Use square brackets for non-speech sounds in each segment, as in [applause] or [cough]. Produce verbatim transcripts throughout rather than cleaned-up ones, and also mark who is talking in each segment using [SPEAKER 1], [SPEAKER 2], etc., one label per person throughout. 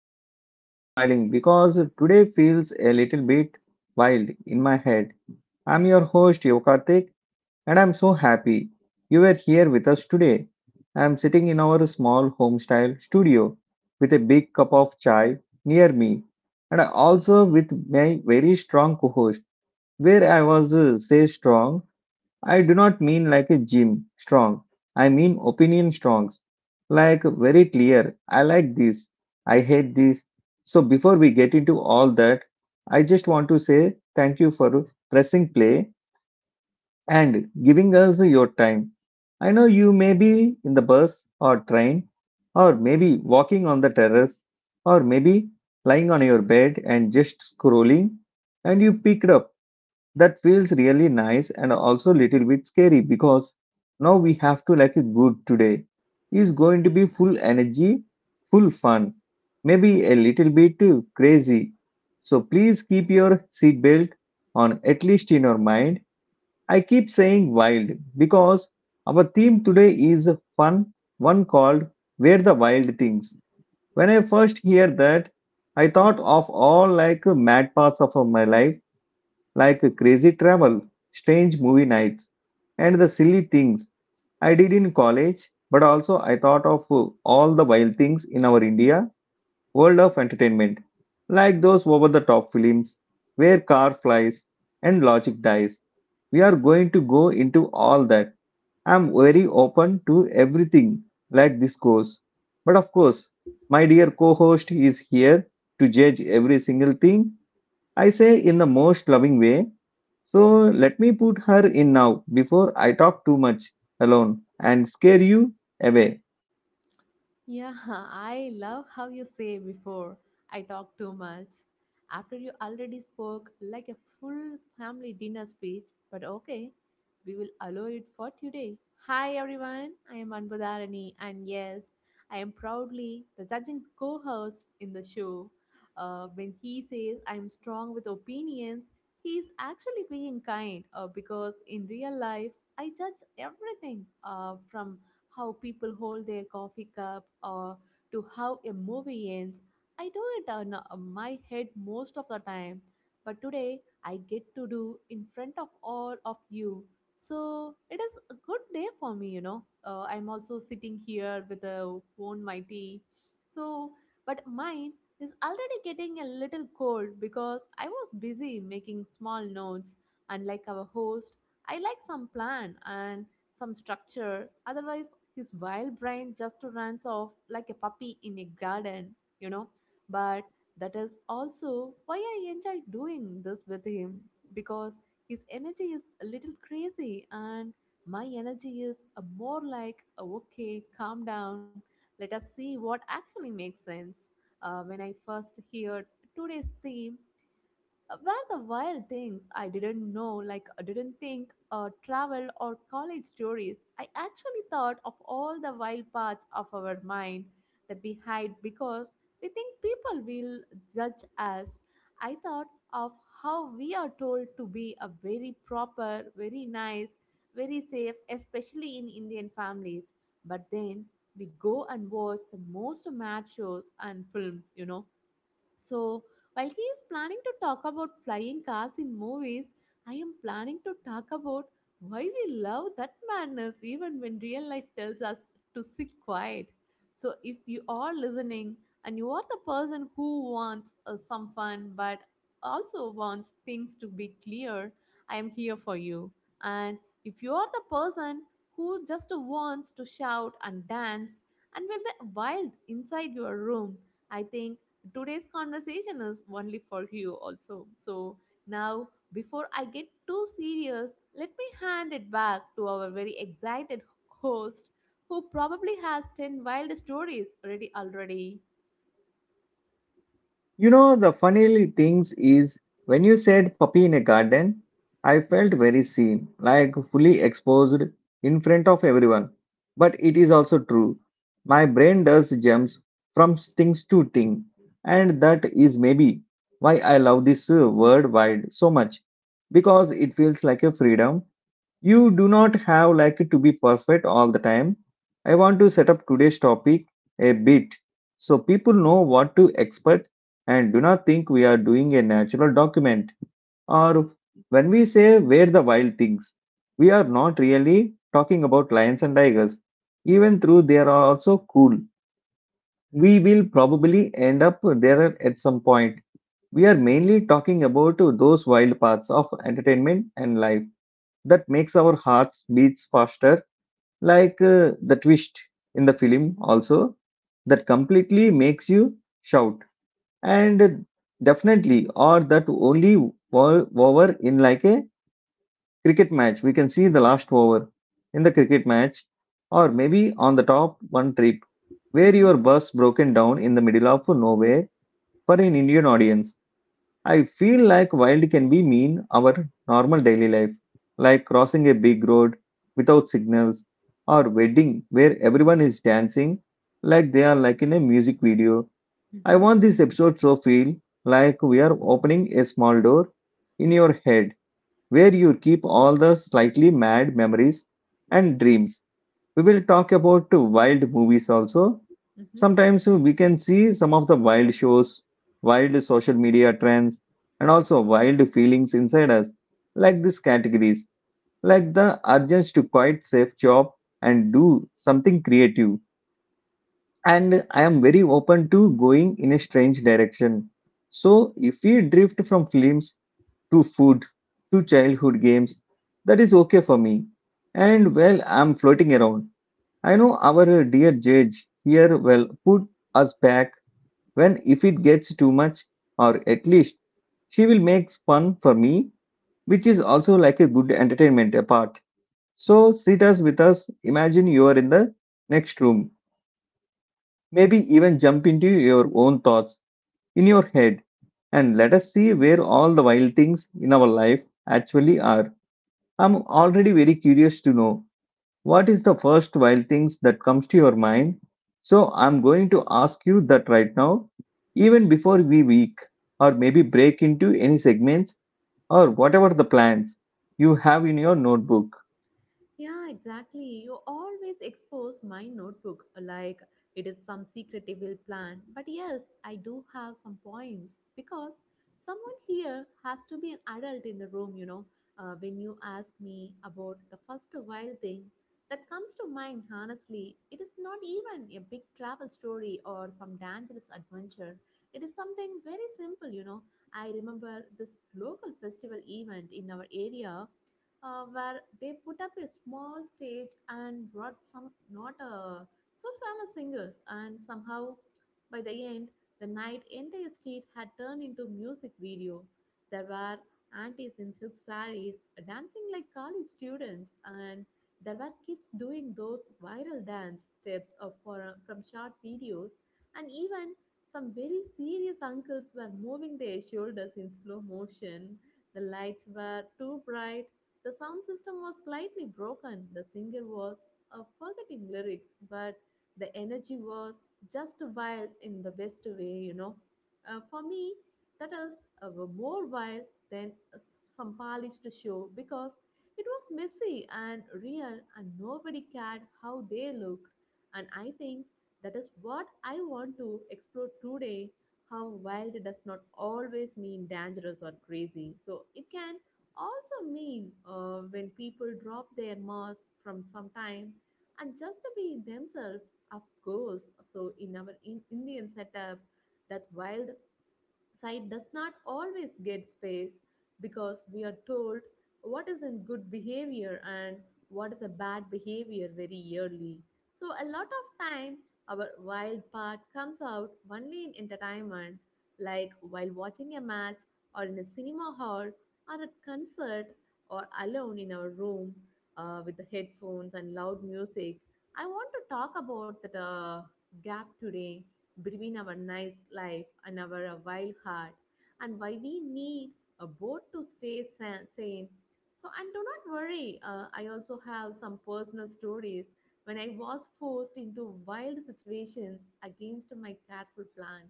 [SPEAKER 1] I'm already smiling because today feels a little bit wild in my head. I'm your host, Yokartik, and I'm so happy you were here with us today. I'm sitting in our small home style studio with a big cup of chai near me, and also with my very strong co host, where I was uh, say strong I do not mean like a gym strong. I mean opinion strong. Like very clear. I like this. I hate this. So before we get into all that, I just want to say thank you for pressing play and giving us your time. I know you may be in the bus or train or maybe walking on the terrace or maybe lying on your bed and just scrolling and you picked up that feels really nice and also a little bit scary because now we have to like a good today is going to be full energy full fun maybe a little bit too crazy so please keep your seatbelt on at least in your mind. I keep saying wild because our theme today is a fun one called where the wild things. When I first hear that, I thought of all like mad parts of my life, like crazy travel, strange movie nights, and the silly things I did in college, but also I thought of uh, all the wild things in our India world of entertainment, like those over the top films where car flies and logic dies. We are going to go into all that. I'm very open to everything like this goes. But of course, my dear co host is here to judge every single thing I say in the most loving way, so let me put her in now before I talk too much alone and scare you away.
[SPEAKER 2] Yeah, [laughs] I love how you say before I talk too much. After you already spoke like a full family dinner speech, but okay, we will allow it for today. Hi everyone, I am Anbudharani, and yes, I am proudly the judging co host in the show. Uh, when he says I am strong with opinions, he is actually being kind uh, because in real life, I judge everything, uh, from how people hold their coffee cup, or to how a movie ends. I do it on uh, my head most of the time, but today I get to do in front of all of you. So it is a good day for me, you know. Uh, I'm also sitting here with a own my tea. So, but mine is already getting a little cold because I was busy making small notes. Unlike our host, I like some plan and some structure. Otherwise, his wild brain just runs off like a puppy in a garden, you know. But that is also why I enjoy doing this with him because his energy is a little crazy and my energy is a more like, "Oh, okay, calm down, let us see what actually makes sense. Uh, when I first heard today's theme, uh, Were the wild things I didn't know, like I didn't think, uh, travel or college stories. I actually thought of all the wild parts of our mind that we hide because we think people will judge us. I thought of how we are told to be a very proper, very nice, very safe, especially in Indian families. But then we go and watch the most mad shows and films, you know, so, while he is planning to talk about flying cars in movies, I am planning to talk about why we love that madness even when real life tells us to sit quiet. So, if you are listening and you are the person who wants uh, some fun but also wants things to be clear, I am here for you. And if you are the person who just wants to shout and dance and will be wild inside your room, I think today's conversation is only for you also. So now, before I get too serious, let me hand it back to our very excited host who probably has ten wild stories ready already.
[SPEAKER 1] You know, the funny things is when you said puppy in a garden, I felt very seen, like fully exposed in front of everyone. But it is also true. My brain does jumps from things to thing, and that is maybe why I love this uh, word wide so much because it feels like a freedom. You do not have like to be perfect all the time. I want to set up today's topic a bit so people know what to expect and do not think we are doing a natural document. Or when we say where the wild things, we are not really talking about lions and tigers. Even though they are also cool, we will probably end up there at some point. We are mainly talking about those wild parts of entertainment and life that makes our hearts beats faster like uh, the twist in the film also that completely makes you shout and definitely or that only o- over in like a cricket match. We can see the last over in the cricket match, or maybe on the top one trip where
[SPEAKER 2] Mm-hmm,
[SPEAKER 1] your bus broken down in the middle of nowhere. For an Indian audience, I feel like wild can be mean our normal daily life, like crossing a big road without signals, or wedding where everyone is dancing like they are like in a music video. I
[SPEAKER 2] mm-hmm,
[SPEAKER 1] want this episode so feel like we are opening a small door in your head where you keep all the slightly mad memories and dreams. We will talk about wild movies also.
[SPEAKER 2] mm-hmm.
[SPEAKER 1] Sometimes we can see some of the wild shows, wild social media trends, and also wild feelings inside us, like these categories, like the urge to quite safe job and do something creative. And I am very open to going in a strange direction. So if we drift from films to food to childhood games, that is okay for me. And well, I'm floating around, I know our uh, dear judge here will put us back when if it gets too much, or at least she will make fun for me, which is also like a good entertainment apart. So sit us with us. Imagine you are in the next room. Maybe even jump into your own thoughts in your head and let us see where all the wild things in our life actually are. I'm already very curious to know, what is the first wild things that comes to your mind? So I'm going to ask you that right now, even before we week or maybe break into any segments or whatever the plans you have in your notebook.
[SPEAKER 2] Yeah, exactly. You always expose my notebook like it is some secret evil plan. But yes, I do have some points because someone here has to be an adult in the room, you know. Uh, when you ask me about the first wild thing that comes to mind, honestly, it is not even a big travel story or some dangerous adventure. It is something very simple, you know. I remember this local festival event in our area, uh, where they put up a small stage and brought some not uh, so famous singers. And somehow, by the end, the night entire street had turned into music video. There were aunties in silk sarees dancing like college students, and there were kids doing those viral dance steps of for, uh, from short videos, and even some very serious uncles were moving their shoulders in slow motion. The lights were too bright, the sound system was slightly broken. The singer was uh, forgetting lyrics, but the energy was just wild in the best way, you know. Uh, for me, that is uh, more wild than uh, s- some polished show because it was messy and real, and nobody cared how they looked. And I think that is what I want to explore today, how wild does not always mean dangerous or crazy. So it can also mean, uh, when people drop their mask from some time and just to be themselves. Of course, so in our in- indian setup, that wild sight does not always get space because we are told what is in good behavior and what is a bad behavior very early. So, a lot of time our wild part comes out only in entertainment, like while watching a match or in a cinema hall or at concert or alone in our room, uh, with the headphones and loud music. I want to talk about that, uh, gap today, between our nice life and our uh, wild heart, and why we need a boat to stay sa- sane. So, and do not worry, uh, I also have some personal stories when I was forced into wild situations against my careful plan.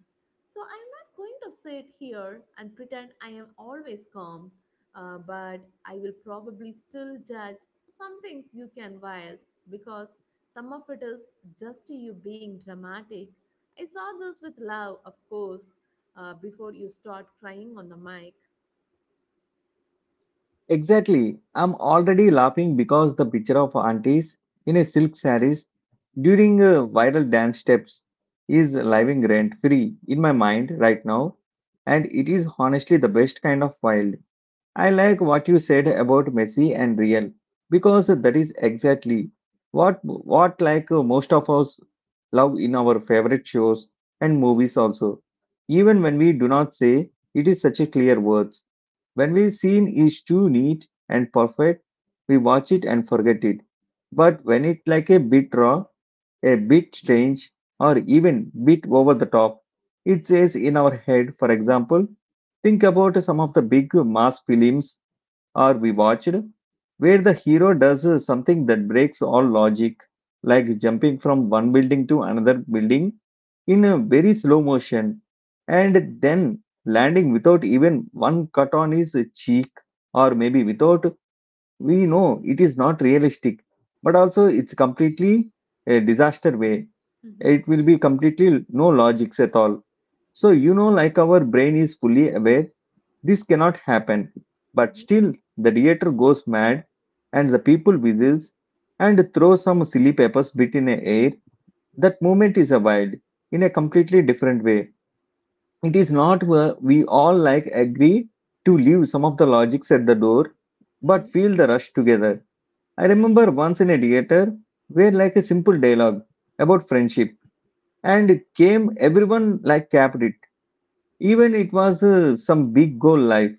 [SPEAKER 2] So, I'm not going to sit here and pretend I am always calm, uh, but I will probably still judge some things you can wild because some of it is just you being dramatic. I saw this with love, of course, uh, before you start crying on the mic.
[SPEAKER 1] Exactly. I'm already laughing because the picture of aunties in a silk saris during uh, viral dance steps is living rent free in my mind right now, and it is honestly the best kind of wild. I like what you said about Messi and Real because that is exactly what what like uh, most of us love in our favorite shows and movies also. Even when we do not say it is such a clear words. When we scene is too neat and perfect, we watch it and forget it. But when it like a bit raw, a bit strange, or even bit over the top, it says in our head. For example, think about some of the big mass films or we watched, where the hero does uh, something that breaks all logic, like jumping from one building to another building in a very slow motion and then landing without even one cut on his cheek, or maybe without, we know it is not realistic, but also it's completely a disaster way.
[SPEAKER 2] Mm-hmm,
[SPEAKER 1] It will be completely no logics at all. So, you know, like our brain is fully aware this cannot happen. But
[SPEAKER 2] mm-hmm,
[SPEAKER 1] still, the theater goes mad, and the people whistles and throw some silly papers bit in the air. That movement is a wild, in a completely different way. It is not where we all like agree to leave some of the logics at the door, but
[SPEAKER 2] mm-hmm,
[SPEAKER 1] feel the rush together. I remember once in a theater where like a simple dialogue about friendship and it came everyone like capped it even it was uh, some big goal life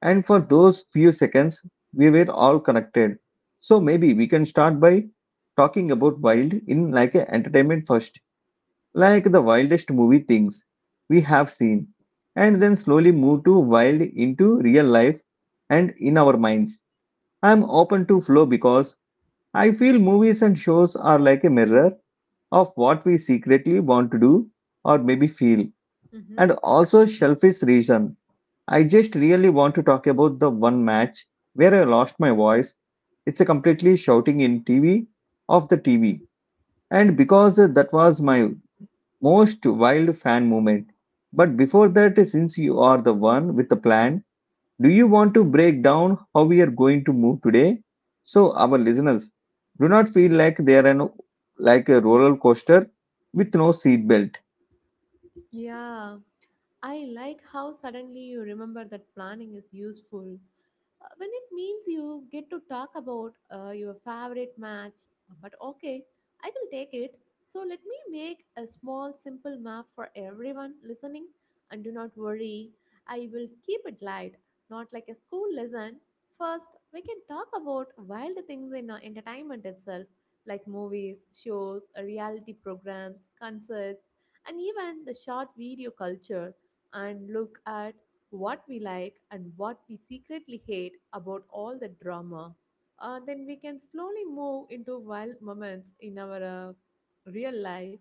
[SPEAKER 1] and for those few seconds, we were all connected. So maybe we can start by talking about wild in like a entertainment first, like the wildest movie things we have seen, and then slowly move to wild into real life and in our minds. I'm open to flow because I feel movies and shows are like a mirror of what we secretly want to do or maybe feel,
[SPEAKER 2] mm-hmm.
[SPEAKER 1] and also selfish reason, I just really want to talk about the one match where I lost my voice. It's a completely shouting in T V of the T V, and because that was my most wild fan moment. But before that, since you are the one with the plan, do you want to break down how we are going to move today? So our listeners do not feel like they are an, like a roller coaster with no seat belt.
[SPEAKER 2] Yeah, I like how suddenly you remember that planning is useful. Uh, when it means you get to talk about uh, your favorite match, uh, but okay, I will take it. So let me make a small, simple map for everyone listening, and do not worry, I will keep it light, not like a school lesson. First, we can talk about wild things in, uh, entertainment itself, like movies, shows, uh, reality programs, concerts, and even the short video culture. And look at what we like and what we secretly hate about all the drama. Uh, then we can slowly move into wild moments in our uh, real life,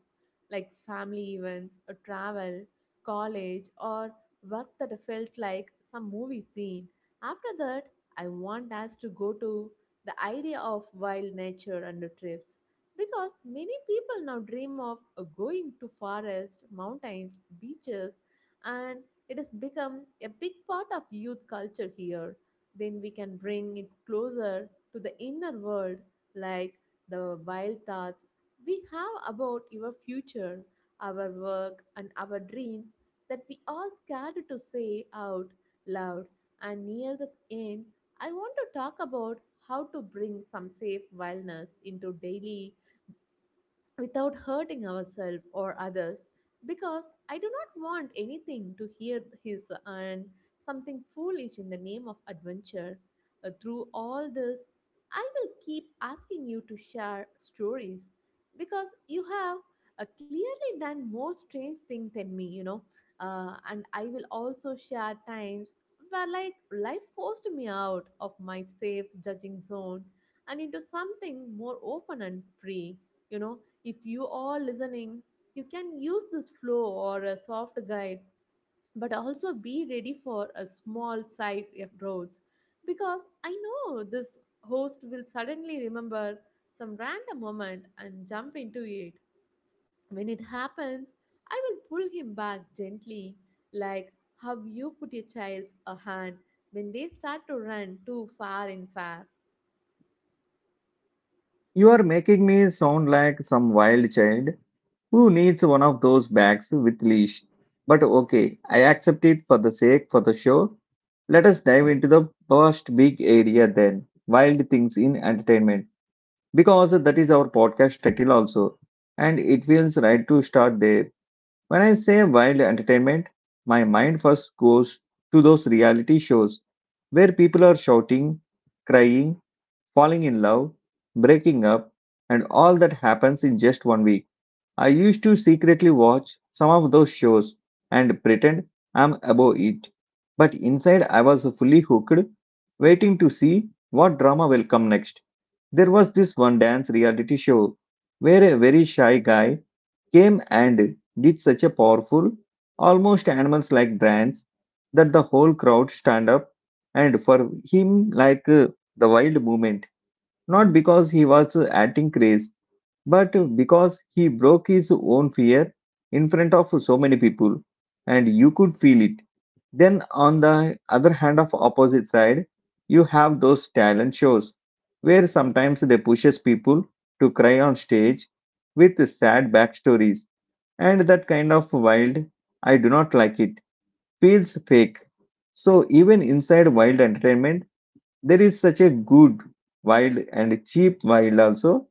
[SPEAKER 2] like family events, or travel, college, or work that felt like some movie scene. After that, I want us to go to the idea of wild nature and the trips because many people now dream of, uh, going to forests, mountains, beaches, and it has become a big part of youth culture here. Then we can bring it closer to the inner world, like the wild thoughts we have about your future, our work, and our dreams that we are scared to say out loud. And near the end, I want to talk about how to bring some safe wellness into daily without hurting ourselves or others because I do not want anything to hear his and something foolish in the name of adventure. Uh, through all this, I will keep asking you to share stories because you have uh, clearly done more strange things than me, you know. Uh, and I will also share times where, like, life forced me out of my safe judging zone and into something more open and free, you know. If you are listening, you can use this flow or a soft guide, but also be ready for a small side roads because I know this host will suddenly remember some random moment and jump into it. When it happens, I will pull him back gently, like how you put your child's a hand when they start to run too far in fair.
[SPEAKER 1] You are making me sound like some wild child who needs one of those bags with leash. But okay, I accept it for the sake for the show. Let us dive into the first big area then, wild things in entertainment, because that is our podcast title also, and it feels right to start there. When I say wild entertainment, my mind first goes to those reality shows where people are shouting, crying, falling in love, breaking up, and all that happens in just one week. I used to secretly watch some of those shows and pretend I'm above it. But inside, I was fully hooked, waiting to see what drama will come next. There was this one dance reality show where a very shy guy came and did such a powerful, almost animals like dance that the whole crowd stand up and for him like uh, the wild movement, not because he was uh, acting craze but because he broke his own fear in front of so many people, and you could feel it. Then, on the other hand, of opposite side, you have those talent shows where sometimes they pushes people to cry on stage with sad backstories, and that kind of wild, I do not like it, feels fake. So even inside wild entertainment, there is such a good wild and cheap wild also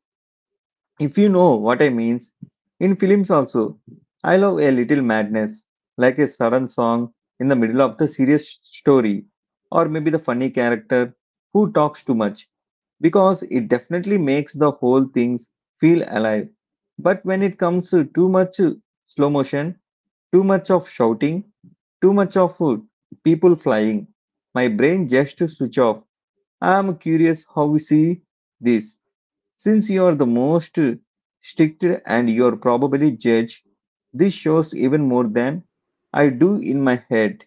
[SPEAKER 1] if you know what I means. In films also, I love a little madness, like a sudden song in the middle of the serious story, or maybe the funny character who talks too much, because it definitely makes the whole things feel alive. But when it comes to too much uh, slow motion, too much of shouting, too much of uh, people flying, my brain just to switch off. I am curious how we see this since you are the most strict and you're probably judge, this shows even more than I do in my head.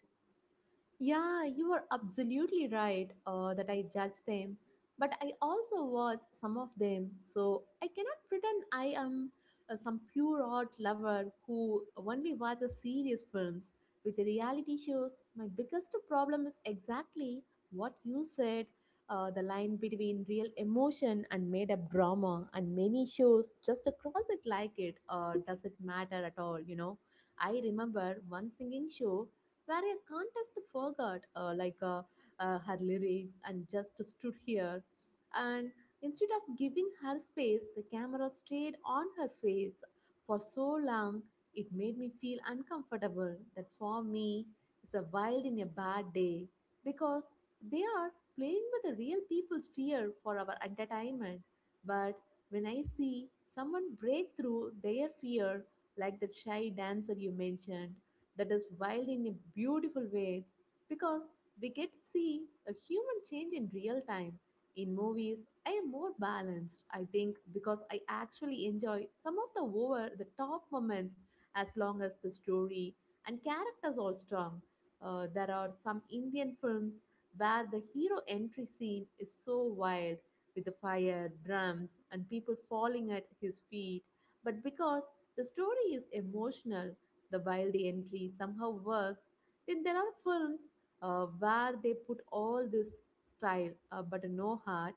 [SPEAKER 2] Yeah, you are absolutely right, uh, that I judge them, but I also watch some of them, so I cannot pretend I am uh, some pure art lover who only watches serious films. With the reality shows, my biggest problem is exactly what you said, uh, the line between real emotion and made up drama, and many shows just cross it like it, or does it matter at all? You know, I remember one singing show where a contest forgot uh, like uh, uh, her lyrics and just stood here and instead of giving her space, the camera stayed on her face for so long it made me feel uncomfortable. That for me is a wild in a bad day because they are playing with the real people's fear for our entertainment. But when I see someone break through their fear, like the shy dancer you mentioned, that is wild in a beautiful way because we get to see a human change in real time. In movies, I am more balanced, I think, because I actually enjoy some of the over the top moments as long as the story and characters are strong. Uh, there are some Indian films where the hero entry scene is so wild with the fire, drums, and people falling at his feet, but because the story is emotional, the while the entry somehow works. Then there are films, uh, where they put all this style, uh, but no heart,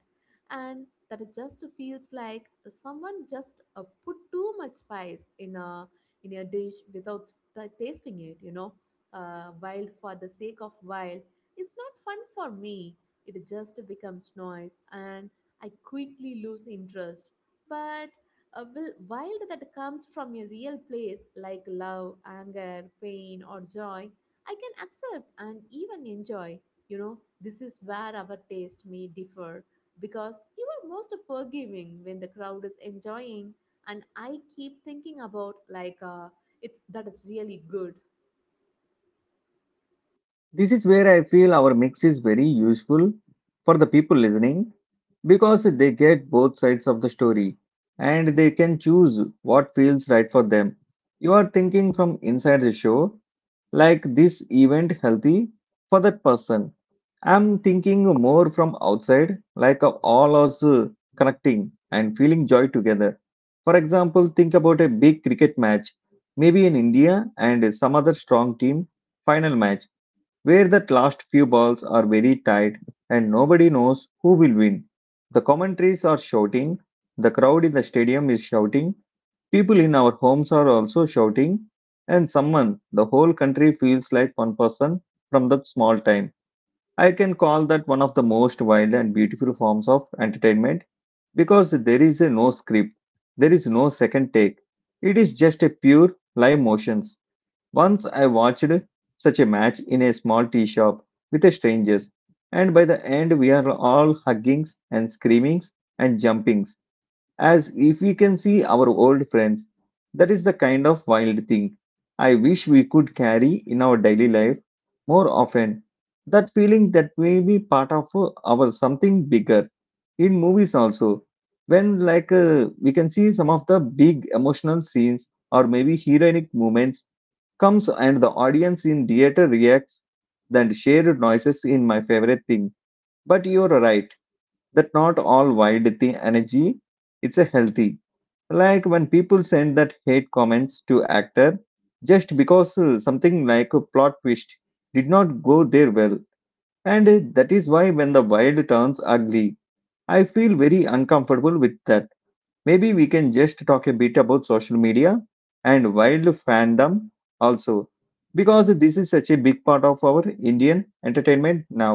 [SPEAKER 2] and that it just feels like someone just, uh, put too much spice in a in a dish without t- tasting it, you know. Uh, wild for the sake of wild is not fun for me, it just becomes noise and I quickly lose interest. But a will wild that comes from a real place like love, anger, pain, or joy, I can accept and even enjoy. You know, this is where our taste may differ because you are most forgiving when the crowd is enjoying, and I keep thinking about like, uh, it's that is really good.
[SPEAKER 1] This is where I feel our mix is very useful for the people listening because they get both sides of the story and they can choose what feels right for them. You are thinking from inside the show, like this event healthy for that person. I'm thinking more from outside, like uh, all also connecting and feeling joy together. For example, think about a big cricket match, maybe in India and some other strong team final match where that last few balls are very tight and nobody knows who will win. The commentaries are shouting, the crowd in the stadium is shouting, people in our homes are also shouting, and someone, the whole country feels like one person from that small time. I can call that one of the most wild and beautiful forms of entertainment because there is a no script, there is no second take. It is just a pure live motions. Once I watched such a match in a small tea shop with a strangers, and by the end we are all hugging and screaming and jumping as if we can see our old friends. That is the kind of wild thing I wish we could carry in our daily life more often. That feeling that may be part of uh, our something bigger in movies also. When like uh, we can see some of the big emotional scenes or maybe heroic moments comes and the audience in theater reacts then shared noises in my favorite thing. But you're right that not all wide the energy it's a healthy, like when people send that hate comments to actor just because uh, something like a plot twist did not go there well, and uh, that is why when the wild turns ugly I feel very uncomfortable with that. Maybe we can just talk a bit about social media and wild fandom also, because this is such a big part of our Indian entertainment now.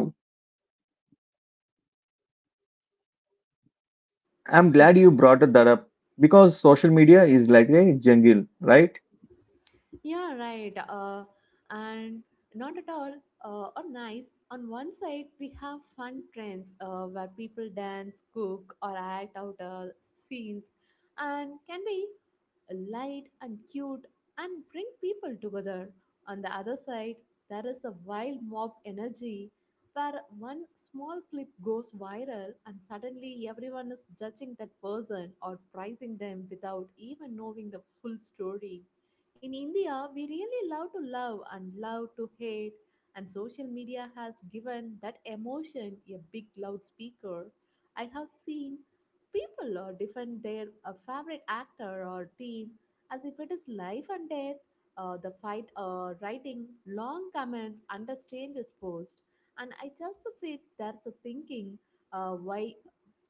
[SPEAKER 1] I'm glad you brought that up because social media is like a jungle, right?
[SPEAKER 2] Yeah, right. Uh, and not at all, uh, or nice. On one side, we have fun trends uh, where people dance, cook, or act out uh, scenes, and can be light and cute and bring people together. On the other side, there is a wild mob energy where one small clip goes viral and suddenly everyone is judging that person or praising them without even knowing the full story. In India, we really love to love and love to hate, and social media has given that emotion a big loudspeaker. I have seen people uh, defend their uh, favorite actor or team as if it is life and death. Uh, the fight, uh, writing long comments under strangers' post, and I just sit there thinking, uh, why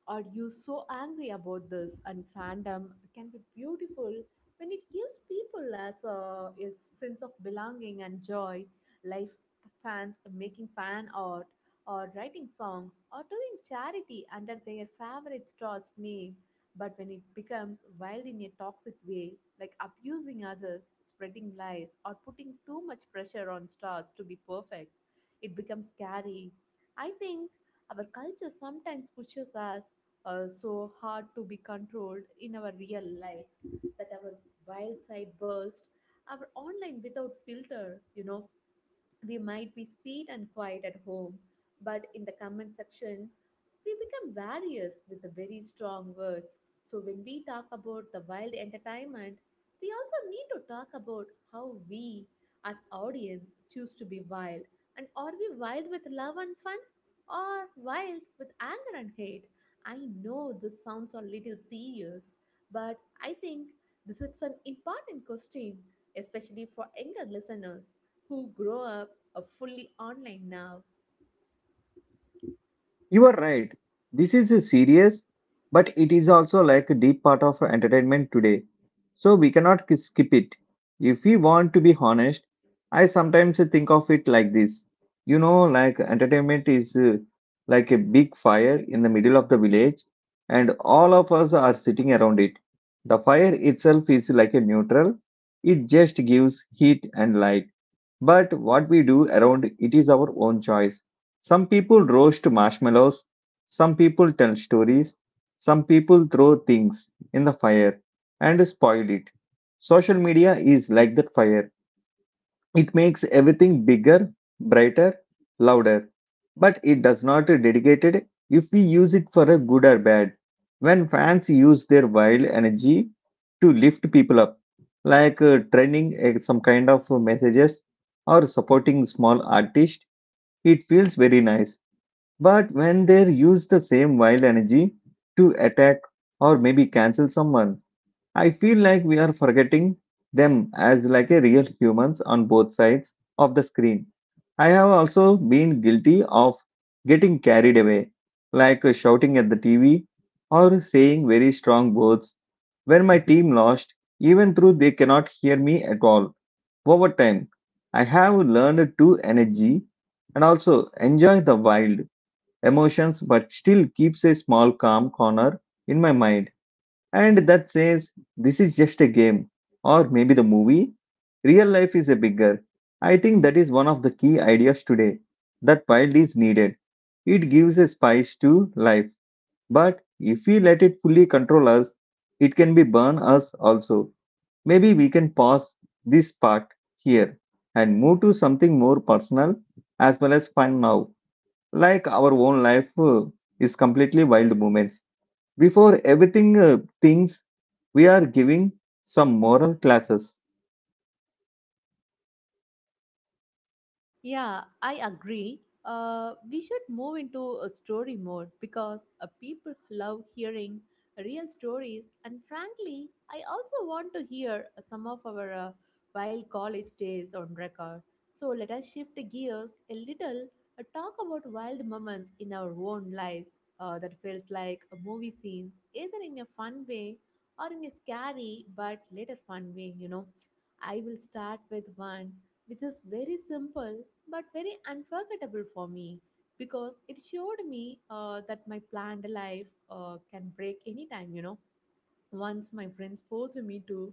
[SPEAKER 2] are you so angry about this? And fandom can be beautiful when it gives people as a, a sense of belonging and joy. Life fans making fan art or writing songs or doing charity under their favorite star's name. But when it becomes wild in a toxic way, like abusing others, spreading lies, or putting too much pressure on stars to be perfect, it becomes scary. I think our culture sometimes pushes us uh, so hard to be controlled in our real life that our wild side burst our online without filter you know We might be sweet and quiet at home, but in the comment section, we become various with the very strong words. So when we talk about the wild entertainment, we also need to talk about how we as audience choose to be wild. And are we wild with love and fun? Or wild with anger and hate? I know this sounds a little serious, but I think this is an important question, especially for younger listeners who grow up uh, fully online now.
[SPEAKER 1] You are right. This is a serious, but it is also like a deep part of entertainment today. So we cannot k- skip it. If we want to be honest, I sometimes think of it like this. You know, like entertainment is uh, like a big fire in the middle of the village, and all of us are sitting around it. The fire itself is like a neutral, it just gives heat and light. But what we do around it is our own choice. Some people roast marshmallows, some people tell stories, some people throw things in the fire and spoil it. Social media is like that fire. It makes everything bigger, brighter, louder, but it does not dedicate it if we use it for a good or bad. When fans use their wild energy to lift people up, like uh, trending uh, some kind of messages or supporting small artists, it feels very nice. But when they use the same wild energy to attack or maybe cancel someone, I feel like we are forgetting them as like a real humans on both sides of the screen. I have also been guilty of getting carried away, like shouting at the T V or saying very strong words when my team lost, even though they cannot hear me at all. Over time, I have learned to energy and also enjoy the wild emotions but still keeps a small calm corner in my mind, and that says this is just a game or maybe the movie. Real life is a bigger. I think that is one of the key ideas today, that wild is needed. It gives a spice to life, but if we let it fully control us, it can be burn us also. Maybe we can pause this part here and move to something more personal as well as fun now, like our own life uh, is completely wild moments. Before everything uh, thinks we are giving some moral classes.
[SPEAKER 2] Yeah, I agree. Uh, we should move into a story mode because uh, people love hearing real stories. And frankly, I also want to hear uh, some of our uh, wild college tales on record. So let us shift gears a little, uh, talk about wild moments in our own lives uh, that felt like a movie scenes, either in a fun way or in a scary but later fun way, you know. I will start with one which is very simple but very unforgettable for me because it showed me uh, that my planned life uh, can break anytime, you know. Once my friends forced me to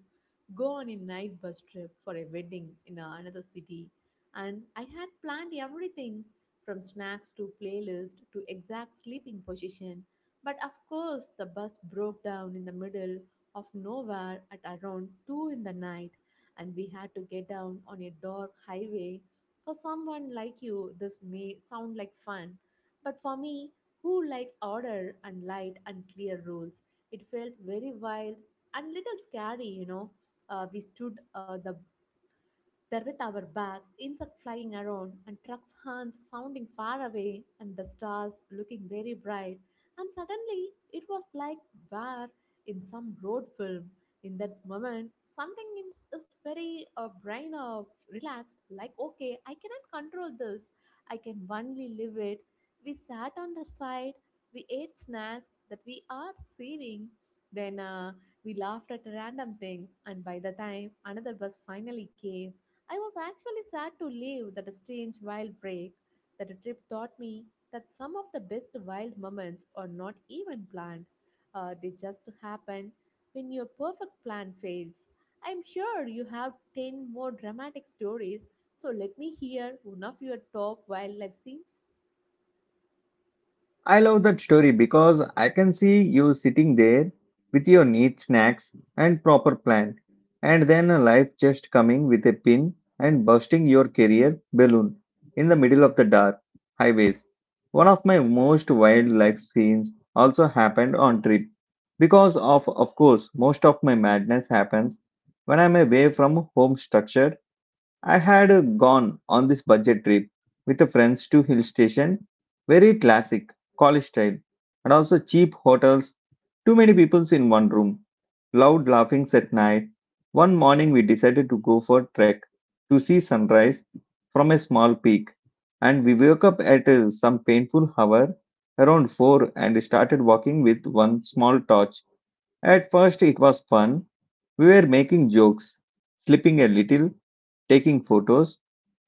[SPEAKER 2] go on a night bus trip for a wedding in a- another city, and I had planned everything from snacks to playlist to exact sleeping position. But of course, the bus broke down in the middle of nowhere at around two in the night, and we had to get down on a dark highway. For someone like you, this may sound like fun, but for me, who likes order and light and clear rules, it felt very wild and little scary, you know. Uh, we stood uh, the there with our bags, insects flying around, and trucks' horns sounding far away, and the stars looking very bright. And suddenly, it was like where in some road film. In that moment, something in is very uh, brain of relaxed, like, okay, I cannot control this. I can only live it. We sat on the side, we ate snacks that we are saving. Then uh, We laughed at random things, and by the time another bus finally came, I was actually sad to leave that strange wild break that trip taught me that some of the best wild moments are not even planned. Uh, they just happen when your perfect plan fails. I'm sure you have ten more dramatic stories, so let me hear one of your top wildlife scenes.
[SPEAKER 1] I love that story because I can see you sitting there with your neat snacks and proper plan, and then a life just coming with a pin and bursting your career balloon in the middle of the dark highways. One of my most wild life scenes also happened on trip, because of of course most of my madness happens when I'm away from home structure. I had uh, gone on this budget trip with the friends to hill station, very classic, college style, and also cheap hotels, too many people in one room, loud laughings at night. One morning we decided to go for trek to see sunrise from a small peak, and we woke up at uh, some painful hour around four and started walking with one small torch. At first it was fun. We were making jokes, slipping a little, taking photos,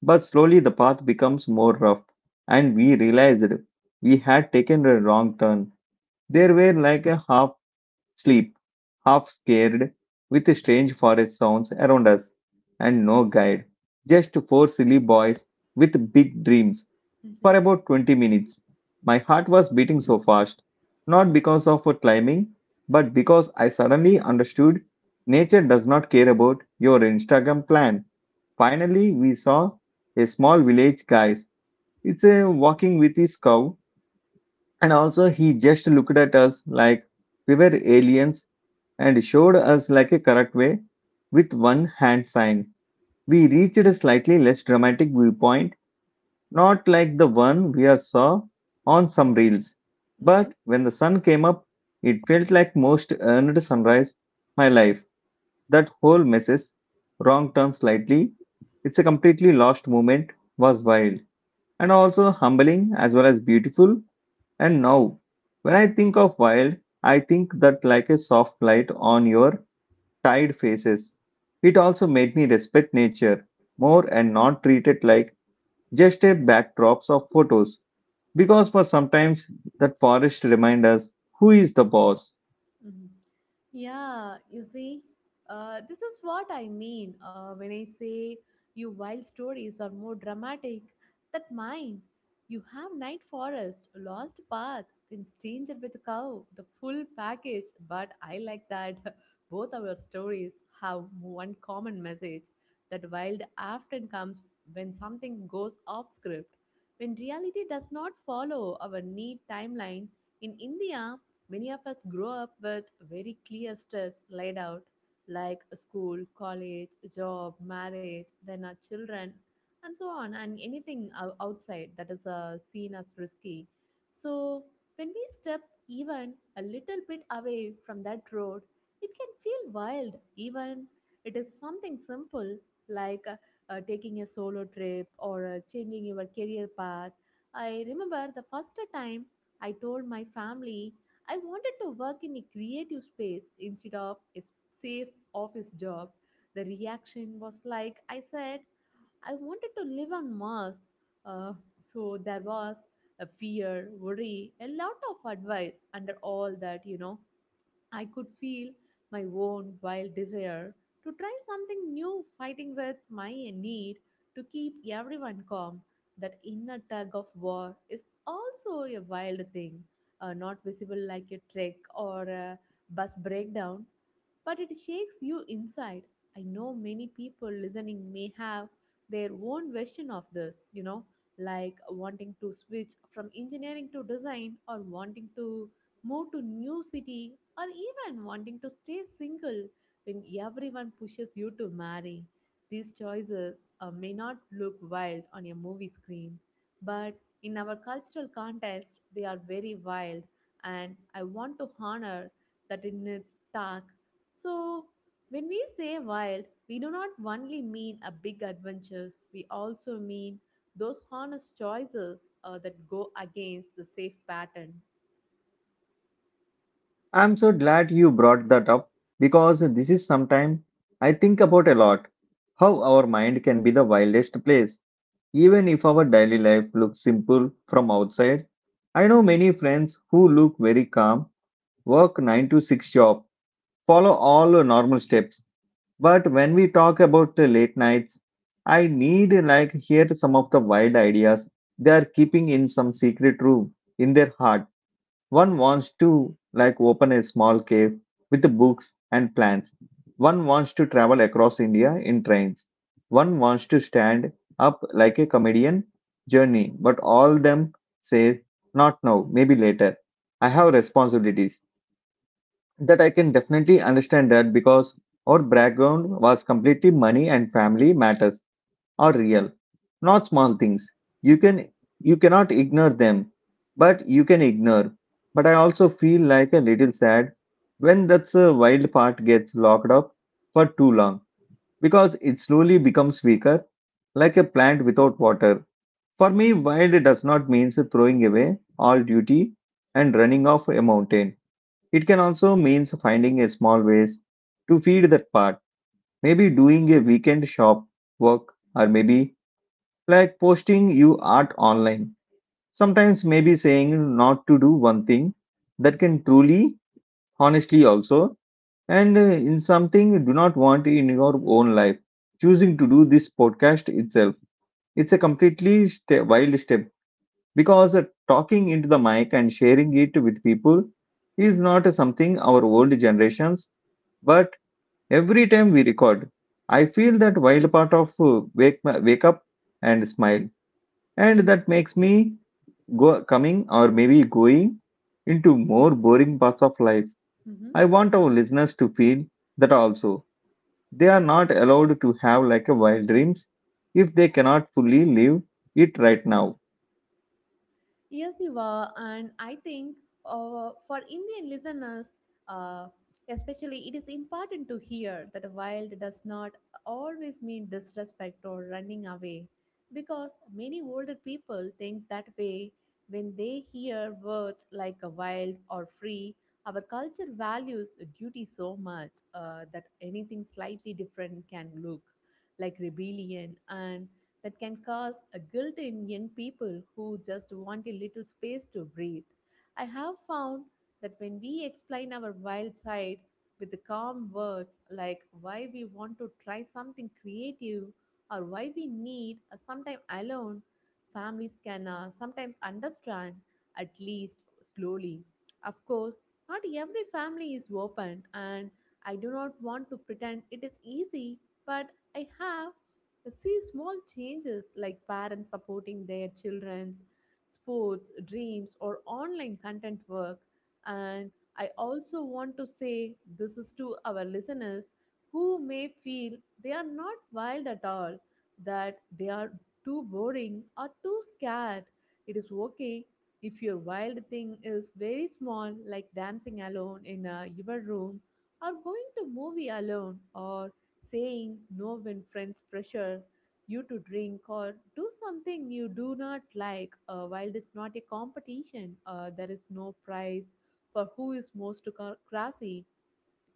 [SPEAKER 1] but slowly the path becomes more rough, and we realized we had taken a wrong turn. There were like a half sleep, half scared, with strange forest sounds around us, and no guide, just four silly boys with big dreams. For
[SPEAKER 2] Mm-hmm.
[SPEAKER 1] about twenty minutes, my heart was beating so fast, not because of climbing, but because I suddenly understood nature does not care about your Instagram plan. Finally, we saw a small village guy. It's a walking with his cow, and also he just looked at us like we were aliens and showed us like a correct way with one hand sign. We reached a slightly less dramatic viewpoint, not like the one we are saw on some reels. But when the sun came up, it felt like most earned sunrise my life. That whole messes, wrong turn slightly, it's a completely lost moment, was wild and also humbling as well as beautiful. And now, when I think of wild, I think that like a soft light on your tired faces. It also made me respect nature more and not treat it like just a backdrops of photos. Because for sometimes that forest remind us who is the boss.
[SPEAKER 2] Mhm. Yeah, you see, uh, this is what I mean uh, when I say you wild stories are more dramatic than mine. You have night forest, lost path, then stranger with cow, the full package. But I like that [laughs] both our stories have one common message that wild often comes when something goes off script. When reality does not follow our neat timeline, in India, many of us grow up with very clear steps laid out, like a school, college, job, marriage, then our children, and so on, and anything ou- outside that is uh, seen as risky. So, when we step even a little bit away from that road, it can feel wild, even it is something simple like uh, uh, taking a solo trip or uh, changing your career path. I remember the first time I told my family I wanted to work in a creative space instead of a s- safe office job. The reaction was like I said, I wanted to live on Mars. Uh, so there was a fear, worry, a lot of advice under all that, you know. I could feel my own wild desire to try something new, fighting with my need to keep everyone calm. That inner tug of war is also a wild thing, uh, not visible like a trick or a bus breakdown, but it shakes you inside. I know many people listening may have their own version of this, you know, like wanting to switch from engineering to design or wanting to move to new city or even wanting to stay single when everyone pushes you to marry. These choices uh, may not look wild on a movie screen, but in our cultural context, they are very wild, and I want to honor that in its dark. So, when we say wild, we do not only mean a big adventures, we also mean those honest choices uh, that go against the safe pattern.
[SPEAKER 1] I'm so glad you brought that up because this is something I think about a lot. How our mind can be the wildest place, even if our daily life looks simple from outside. I know many friends who look very calm, work nine to six job, follow all the normal steps. But when we talk about the late nights, I need like hear some of the wild ideas they are keeping in some secret room in their heart. One wants to like open a small cave with the books and plants. One wants to travel across India in trains. One wants to stand up like a comedian journey, but all them say not now, maybe later. I have responsibilities. That I can definitely understand that, because our background was completely money and family matters are real, not small things. You can you cannot ignore them, but you can ignore. But I also feel like a little sad when that's a wild part gets locked up for too long, because it slowly becomes weaker, like a plant without water. For me, wild does not mean throwing away all duty and running off a mountain. It can also mean finding a small ways to feed that part. Maybe doing a weekend shop work or maybe like posting you art online. Sometimes maybe saying not to do one thing that can truly, honestly also, and uh, in something you do not want in your own life. Choosing to do this podcast itself, it's a completely ste wild step because uh, talking into the mic and sharing it with people is not something our old generations. But every time we record, I feel that wild part of uh, wake wake up and smile, and that makes me go coming or maybe going into more boring parts of life.
[SPEAKER 2] Mm-hmm.
[SPEAKER 1] I want our listeners to feel that also they are not allowed to have like a wild dreams if they cannot fully live it right now.
[SPEAKER 2] Yes, you were. And I think uh, for Indian listeners, uh, especially, it is important to hear that wild does not always mean disrespect or running away because many older people think that way when they hear words like a wild or free. Our culture values duty so much uh, that anything slightly different can look like rebellion. And that can cause a guilt in young people who just want a little space to breathe. I have found that when we explain our wild side with the calm words like why we want to try something creative or why we need a sometime alone, families can uh, sometimes understand, at least slowly. Of course, not every family is open, and I do not want to pretend it is easy, but I have see small changes like parents supporting their children's sports dreams or online content work. And I also want to say this is to our listeners who may feel they are not wild at all, that they are too boring or too scared. It is okay if your wild thing is very small, like dancing alone in uh, your room or going to movie alone or saying no when friends pressure you to drink or do something you do not like. Uh, while it's not a competition, uh, there is no prize for who is most cra- crazy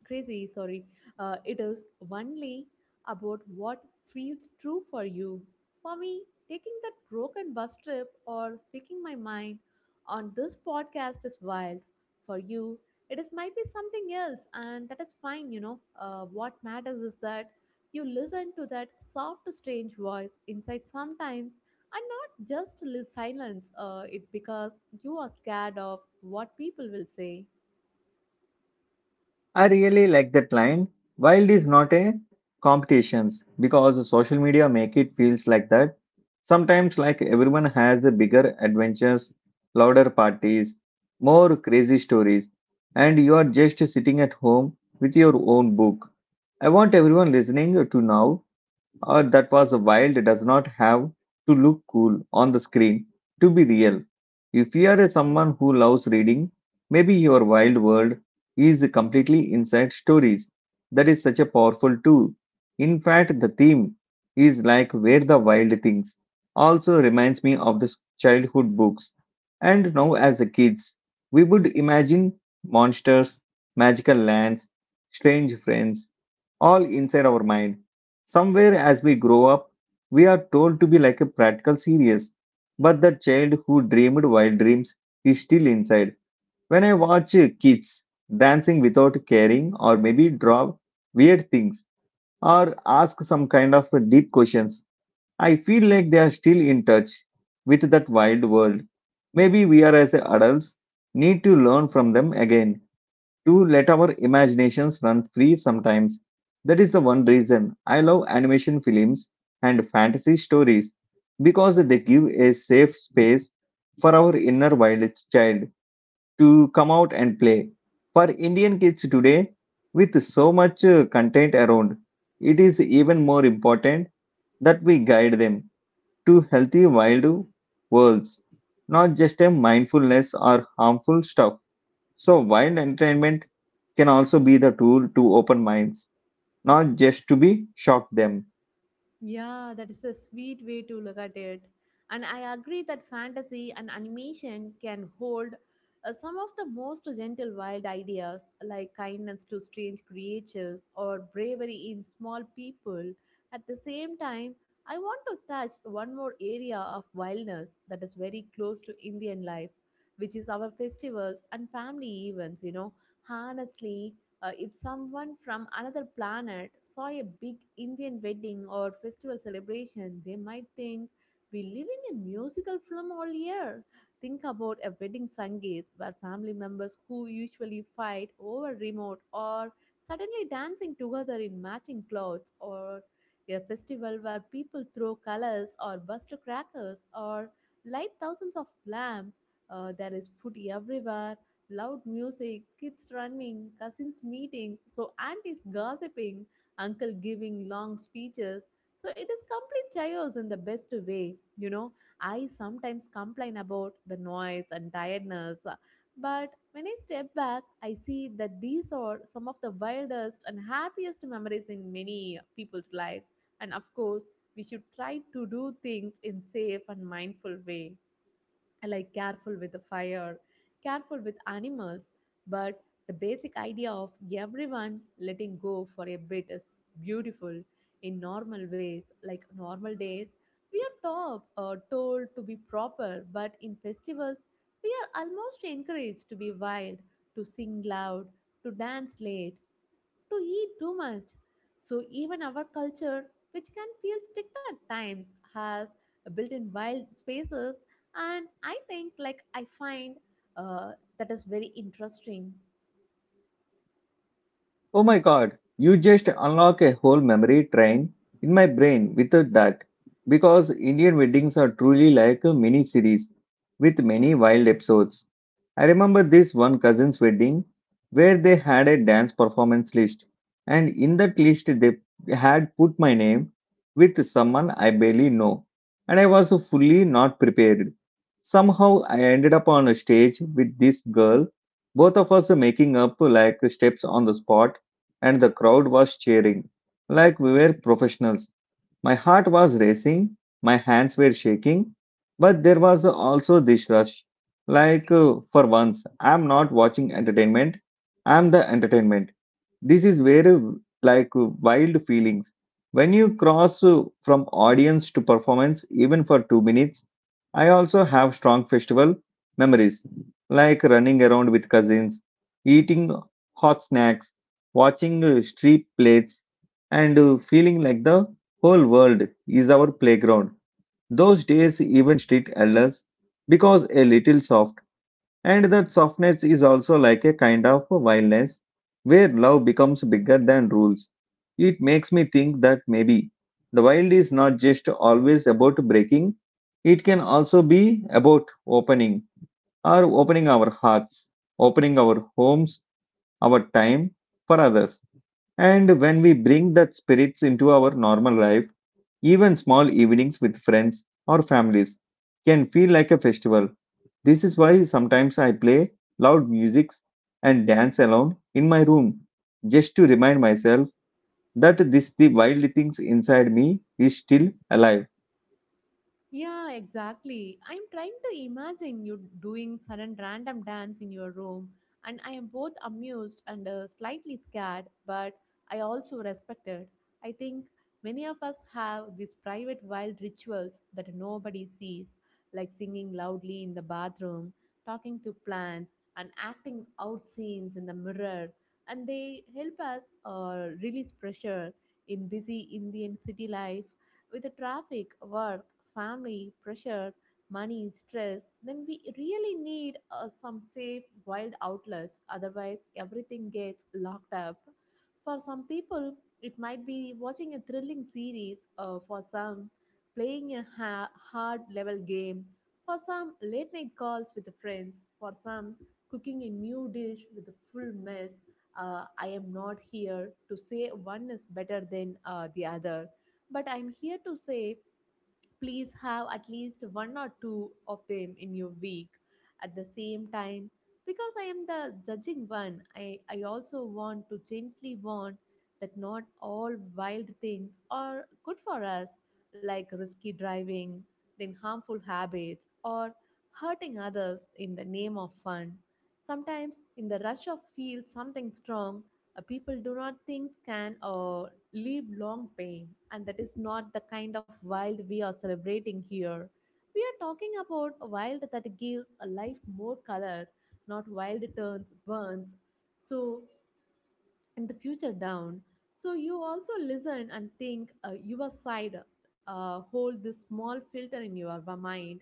[SPEAKER 2] crazy sorry, uh, it is only about what feels true for you. For me, taking that broken bus trip or speaking my mind on this podcast is wild. For you it is might be something else, and that is fine, you know. Uh, what matters is that you listen to that soft strange voice inside sometimes and not just li- silence uh, it because you are scared of what people will say.
[SPEAKER 1] I really like that line. Wild is not a competitions because social media make it feels like that. Sometimes like everyone has a bigger adventures, louder parties, more crazy stories, and you are just sitting at home with your own book. I want everyone listening to know or that was wild does not have to look cool on the screen to be real. If you are a someone who loves reading, maybe your wild world is completely inside stories. That is such a powerful tool. In fact, the theme is like where the wild things also reminds me of the s- childhood books. And now as a kids, we would imagine monsters, magical lands, strange friends, all inside our mind. Somewhere as we grow up, we are told to be like a practical series, but the child who dreamed wild dreams is still inside. When I watch uh, kids dancing without caring, or maybe draw weird things, or ask some kind of uh, deep questions, I feel like they are still in touch with that wild world. Maybe we are as adults need to learn from them again to let our imaginations run free sometimes. That is the one reason I love animation films and fantasy stories because they give a safe space for our inner wild child to come out and play. For Indian kids today, with so much uh, content around, it is even more important that we guide them to healthy wild worlds, not just a mindfulness or harmful stuff. So, wild entertainment can also be the tool to open minds, not just to be shock them.
[SPEAKER 2] Yeah, that is a sweet way to look at it. And I agree that fantasy and animation can hold uh, some of the most gentle wild ideas, like kindness to strange creatures or bravery in small people. At the same time, I want to touch one more area of wildness that is very close to Indian life, which is our festivals and family events. You know, honestly, uh, if someone from another planet saw a big Indian wedding or festival celebration, they might think we live in a musical film all year. Think about a wedding Sangeet where family members who usually fight over remote are suddenly dancing together in matching clothes or a festival where people throw colors or buster crackers or light thousands of lamps. Uh, there is food everywhere. Loud music, kids running, cousins meetings, so aunties gossiping, uncle giving long speeches. So it is complete chaos in the best way. You know, I sometimes complain about the noise and tiredness, but when I step back, I see that these are some of the wildest and happiest memories in many people's lives. And of course, we should try to do things in safe and mindful way, like careful with the fire, careful with animals, but the basic idea of everyone letting go for a bit is beautiful in normal ways, like normal days. We are top uh, told to be proper, but in festivals, we are almost encouraged to be wild, to sing loud, to dance late, to eat too much. So even our culture, which can feel strict at times, has built in wild spaces, and I think like I find uh, that is very interesting.
[SPEAKER 1] Oh my god, you just unlock a whole memory train in my brain with that. Because Indian weddings are truly like a mini series with many wild episodes. I remember this one cousin's wedding where they had a dance performance list, and in that list, they had put my name with someone I barely know, and I was fully not prepared. Somehow, I ended up on a stage with this girl, both of us making up like steps on the spot, and the crowd was cheering like we were professionals. My heart was racing, my hands were shaking, but there was also this rush. Like, uh, for once, I'm not watching entertainment, I'm the entertainment. This is very like wild feelings when you cross uh, from audience to performance even for two minutes. I also have strong festival memories, like running around with cousins, eating hot snacks, watching uh, street plays, and uh, feeling like the whole world is our playground. Those days even street elders because a little soft, and that softness is also like a kind of a wildness where love becomes bigger than rules. It makes me think that maybe the wild is not just always about breaking, it can also be about opening or opening our hearts, opening our homes, our time for others. And when we bring that spirits into our normal life, even small evenings with friends or families can feel like a festival. This is why sometimes I play loud music and dance alone in my room, just to remind myself that this the wild things inside me is still alive.
[SPEAKER 2] Yeah, exactly. I'm trying to imagine you doing sudden random dance in your room, and I am both amused and uh, slightly scared, but I also respected. I think many of us have these private wild rituals that nobody sees, like singing loudly in the bathroom, talking to plants, and acting out scenes in the mirror, and they help us uh, release pressure in busy Indian city life with the traffic, work, family, pressure, money, stress, then we really need uh, some safe, wild outlets. Otherwise, everything gets locked up. For some people, it might be watching a thrilling series, uh, for some, playing a ha- hard level game, for some, late night calls with the friends, for some, cooking a new dish with a full mess. Uh, I am not here to say one is better than uh, the other. But I'm here to say please have at least one or two of them in your week at the same time. Because I am the judging one, I, I also want to gently warn that not all wild things are good for us, like risky driving, then harmful habits, or hurting others in the name of fun. Sometimes, in the rush of feel something strong, uh, people do not think can or live long pain, and that is not the kind of wild we are celebrating here. We are talking about a wild that gives a life more color, not wild turns, burns. So and the future down. So you also listen and think uh, your side, uh, hold this small filter in your wa- mind.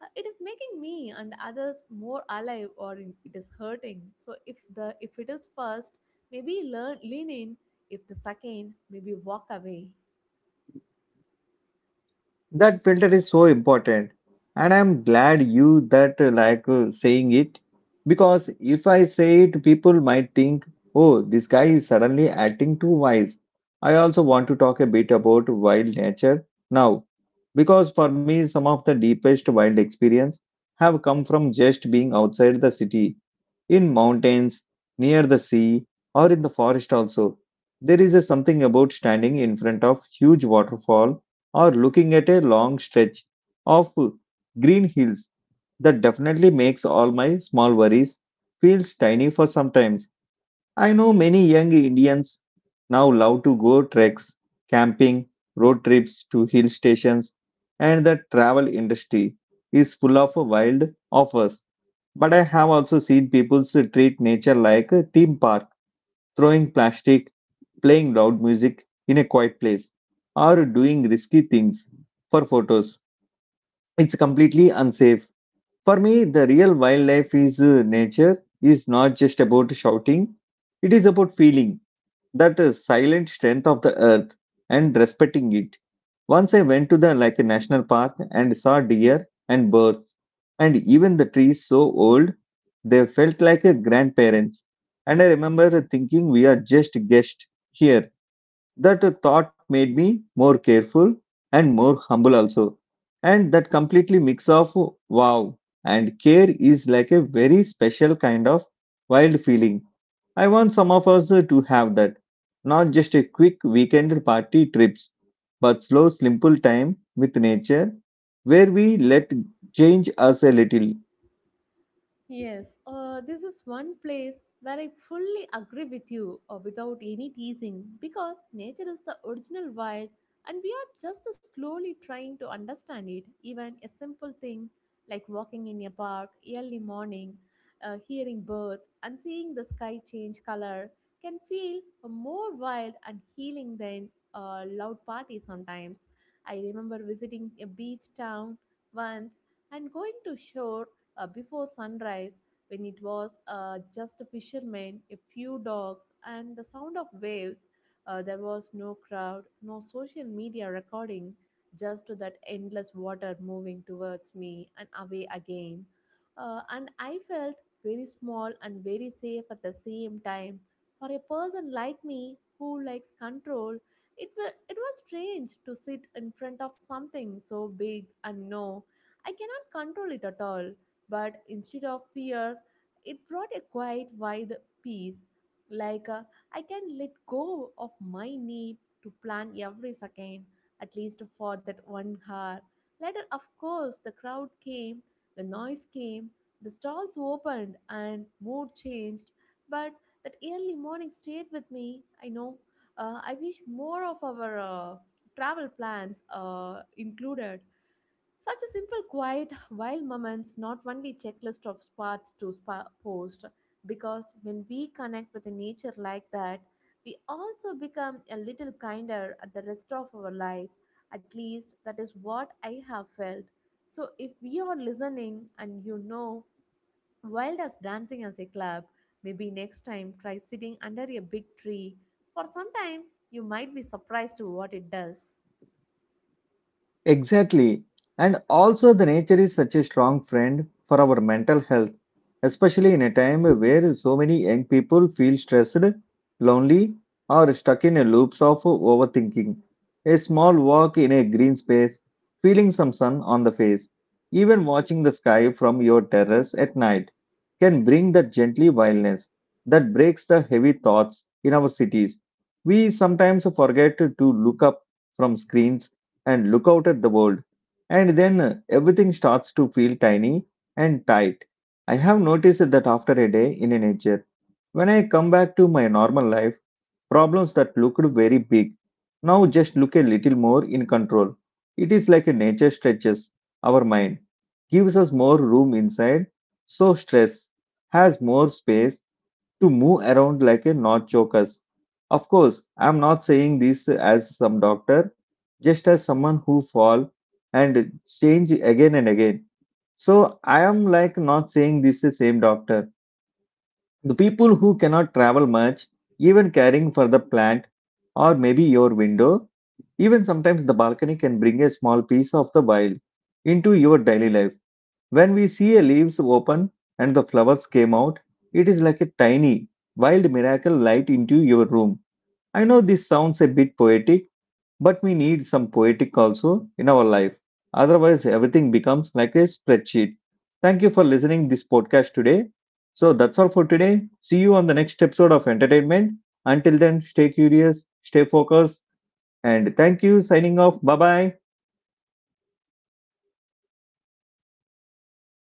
[SPEAKER 2] Uh, it is making me and others more alive or in, it is hurting. So if the if it is first, maybe learn lean in. If the second, maybe walk away.
[SPEAKER 1] That filter is so important, and I'm glad you that uh, like uh, saying it, because if I say it, people might think, "Oh, this guy is suddenly acting too wise." I also want to talk a bit about wild nature now, because for me, some of the deepest wild experience have come from just being outside the city, in mountains, near the sea, or in the forest also. There is a something about standing in front of huge waterfall or looking at a long stretch of green hills that definitely makes all my small worries feels tiny for sometimes. I know many young Indians now love to go treks, camping, road trips to hill stations, and the travel industry is full of wild offers, but I have also seen people treat nature like a theme park, throwing plastic, playing loud music in a quiet place, or doing risky things for photos. It's completely unsafe. For me, the real wildlife is uh, nature is not just about shouting, it is about feeling that uh, silent strength of the earth and respecting it. Once I went to the like a national park and saw deer and birds and even the trees so old they felt like a grandparents. And I remember thinking we are just guests here. That thought made me more careful and more humble also. And that completely mix of wow and care is like a very special kind of wild feeling. I want some of us to have that. Not just a quick weekend party trips, but slow, simple time with nature where we let change us a little.
[SPEAKER 2] Yes, uh, this is one place where I fully agree with you uh, without any teasing because nature is the original wild and we are just slowly trying to understand it. Even a simple thing like walking in a park early morning, uh, hearing birds, and seeing the sky change color can feel more wild and healing than a loud party sometimes. I remember visiting a beach town once and going to shore uh, before sunrise when it was uh, just a fisherman, a few dogs, and the sound of waves. Uh, there was no crowd, no social media recording, just that endless water moving towards me and away again. Uh, and I felt very small and very safe at the same time. For a person like me who likes control, it, wa- it was strange to sit in front of something so big and know I cannot control it at all but instead of fear, it brought a quiet, wide peace. Like uh, I can let go of my need to plan every second, at least for that one hour. Later, of course, the crowd came, the noise came, the stalls opened, and mood changed. But that early morning stayed with me. I know. Uh, I wish more of our uh, travel plans uh, included. Such a simple, quiet, while moments, not only checklist of spots to spa post, because when we connect with nature like that, we also become a little kinder at the rest of our life. At least that is what I have felt. So if we are listening and you know wild as dancing as a club, maybe next time try sitting under a big tree. For some time you might be surprised to what it does.
[SPEAKER 1] Exactly. And also, the nature is such a strong friend for our mental health, especially in a time where so many young people feel stressed, lonely, or stuck in a loops of overthinking. A small walk in a green space, feeling some sun on the face, even watching the sky from your terrace at night can bring that gently wildness that breaks the heavy thoughts in our cities. We sometimes forget to look up from screens and look out at the world, and then uh, everything starts to feel tiny and tight. I have noticed that after a day in nature, when I come back to my normal life, problems that looked very big now just look a little more in control. It is like nature stretches our mind, gives us more room inside, so stress has more space to move around like a not chokers. Of course, I'm not saying this as some doctor, just as someone who fall and change again and again. So I am like not saying this is same doctor. The people who cannot travel much, even caring for the plant or maybe your window, even sometimes the balcony can bring a small piece of the wild into your daily life when we see a leaves open and the flowers came out, it is like a tiny, wild miracle light into your room. I know this sounds a bit poetic, but we need some poetic also in our life. Otherwise, everything becomes like a spreadsheet. Thank you for listening this podcast today. So that's all for today. See you on the next episode of entertainment. Until then, stay curious, stay focused, and thank you. Signing off. Bye bye.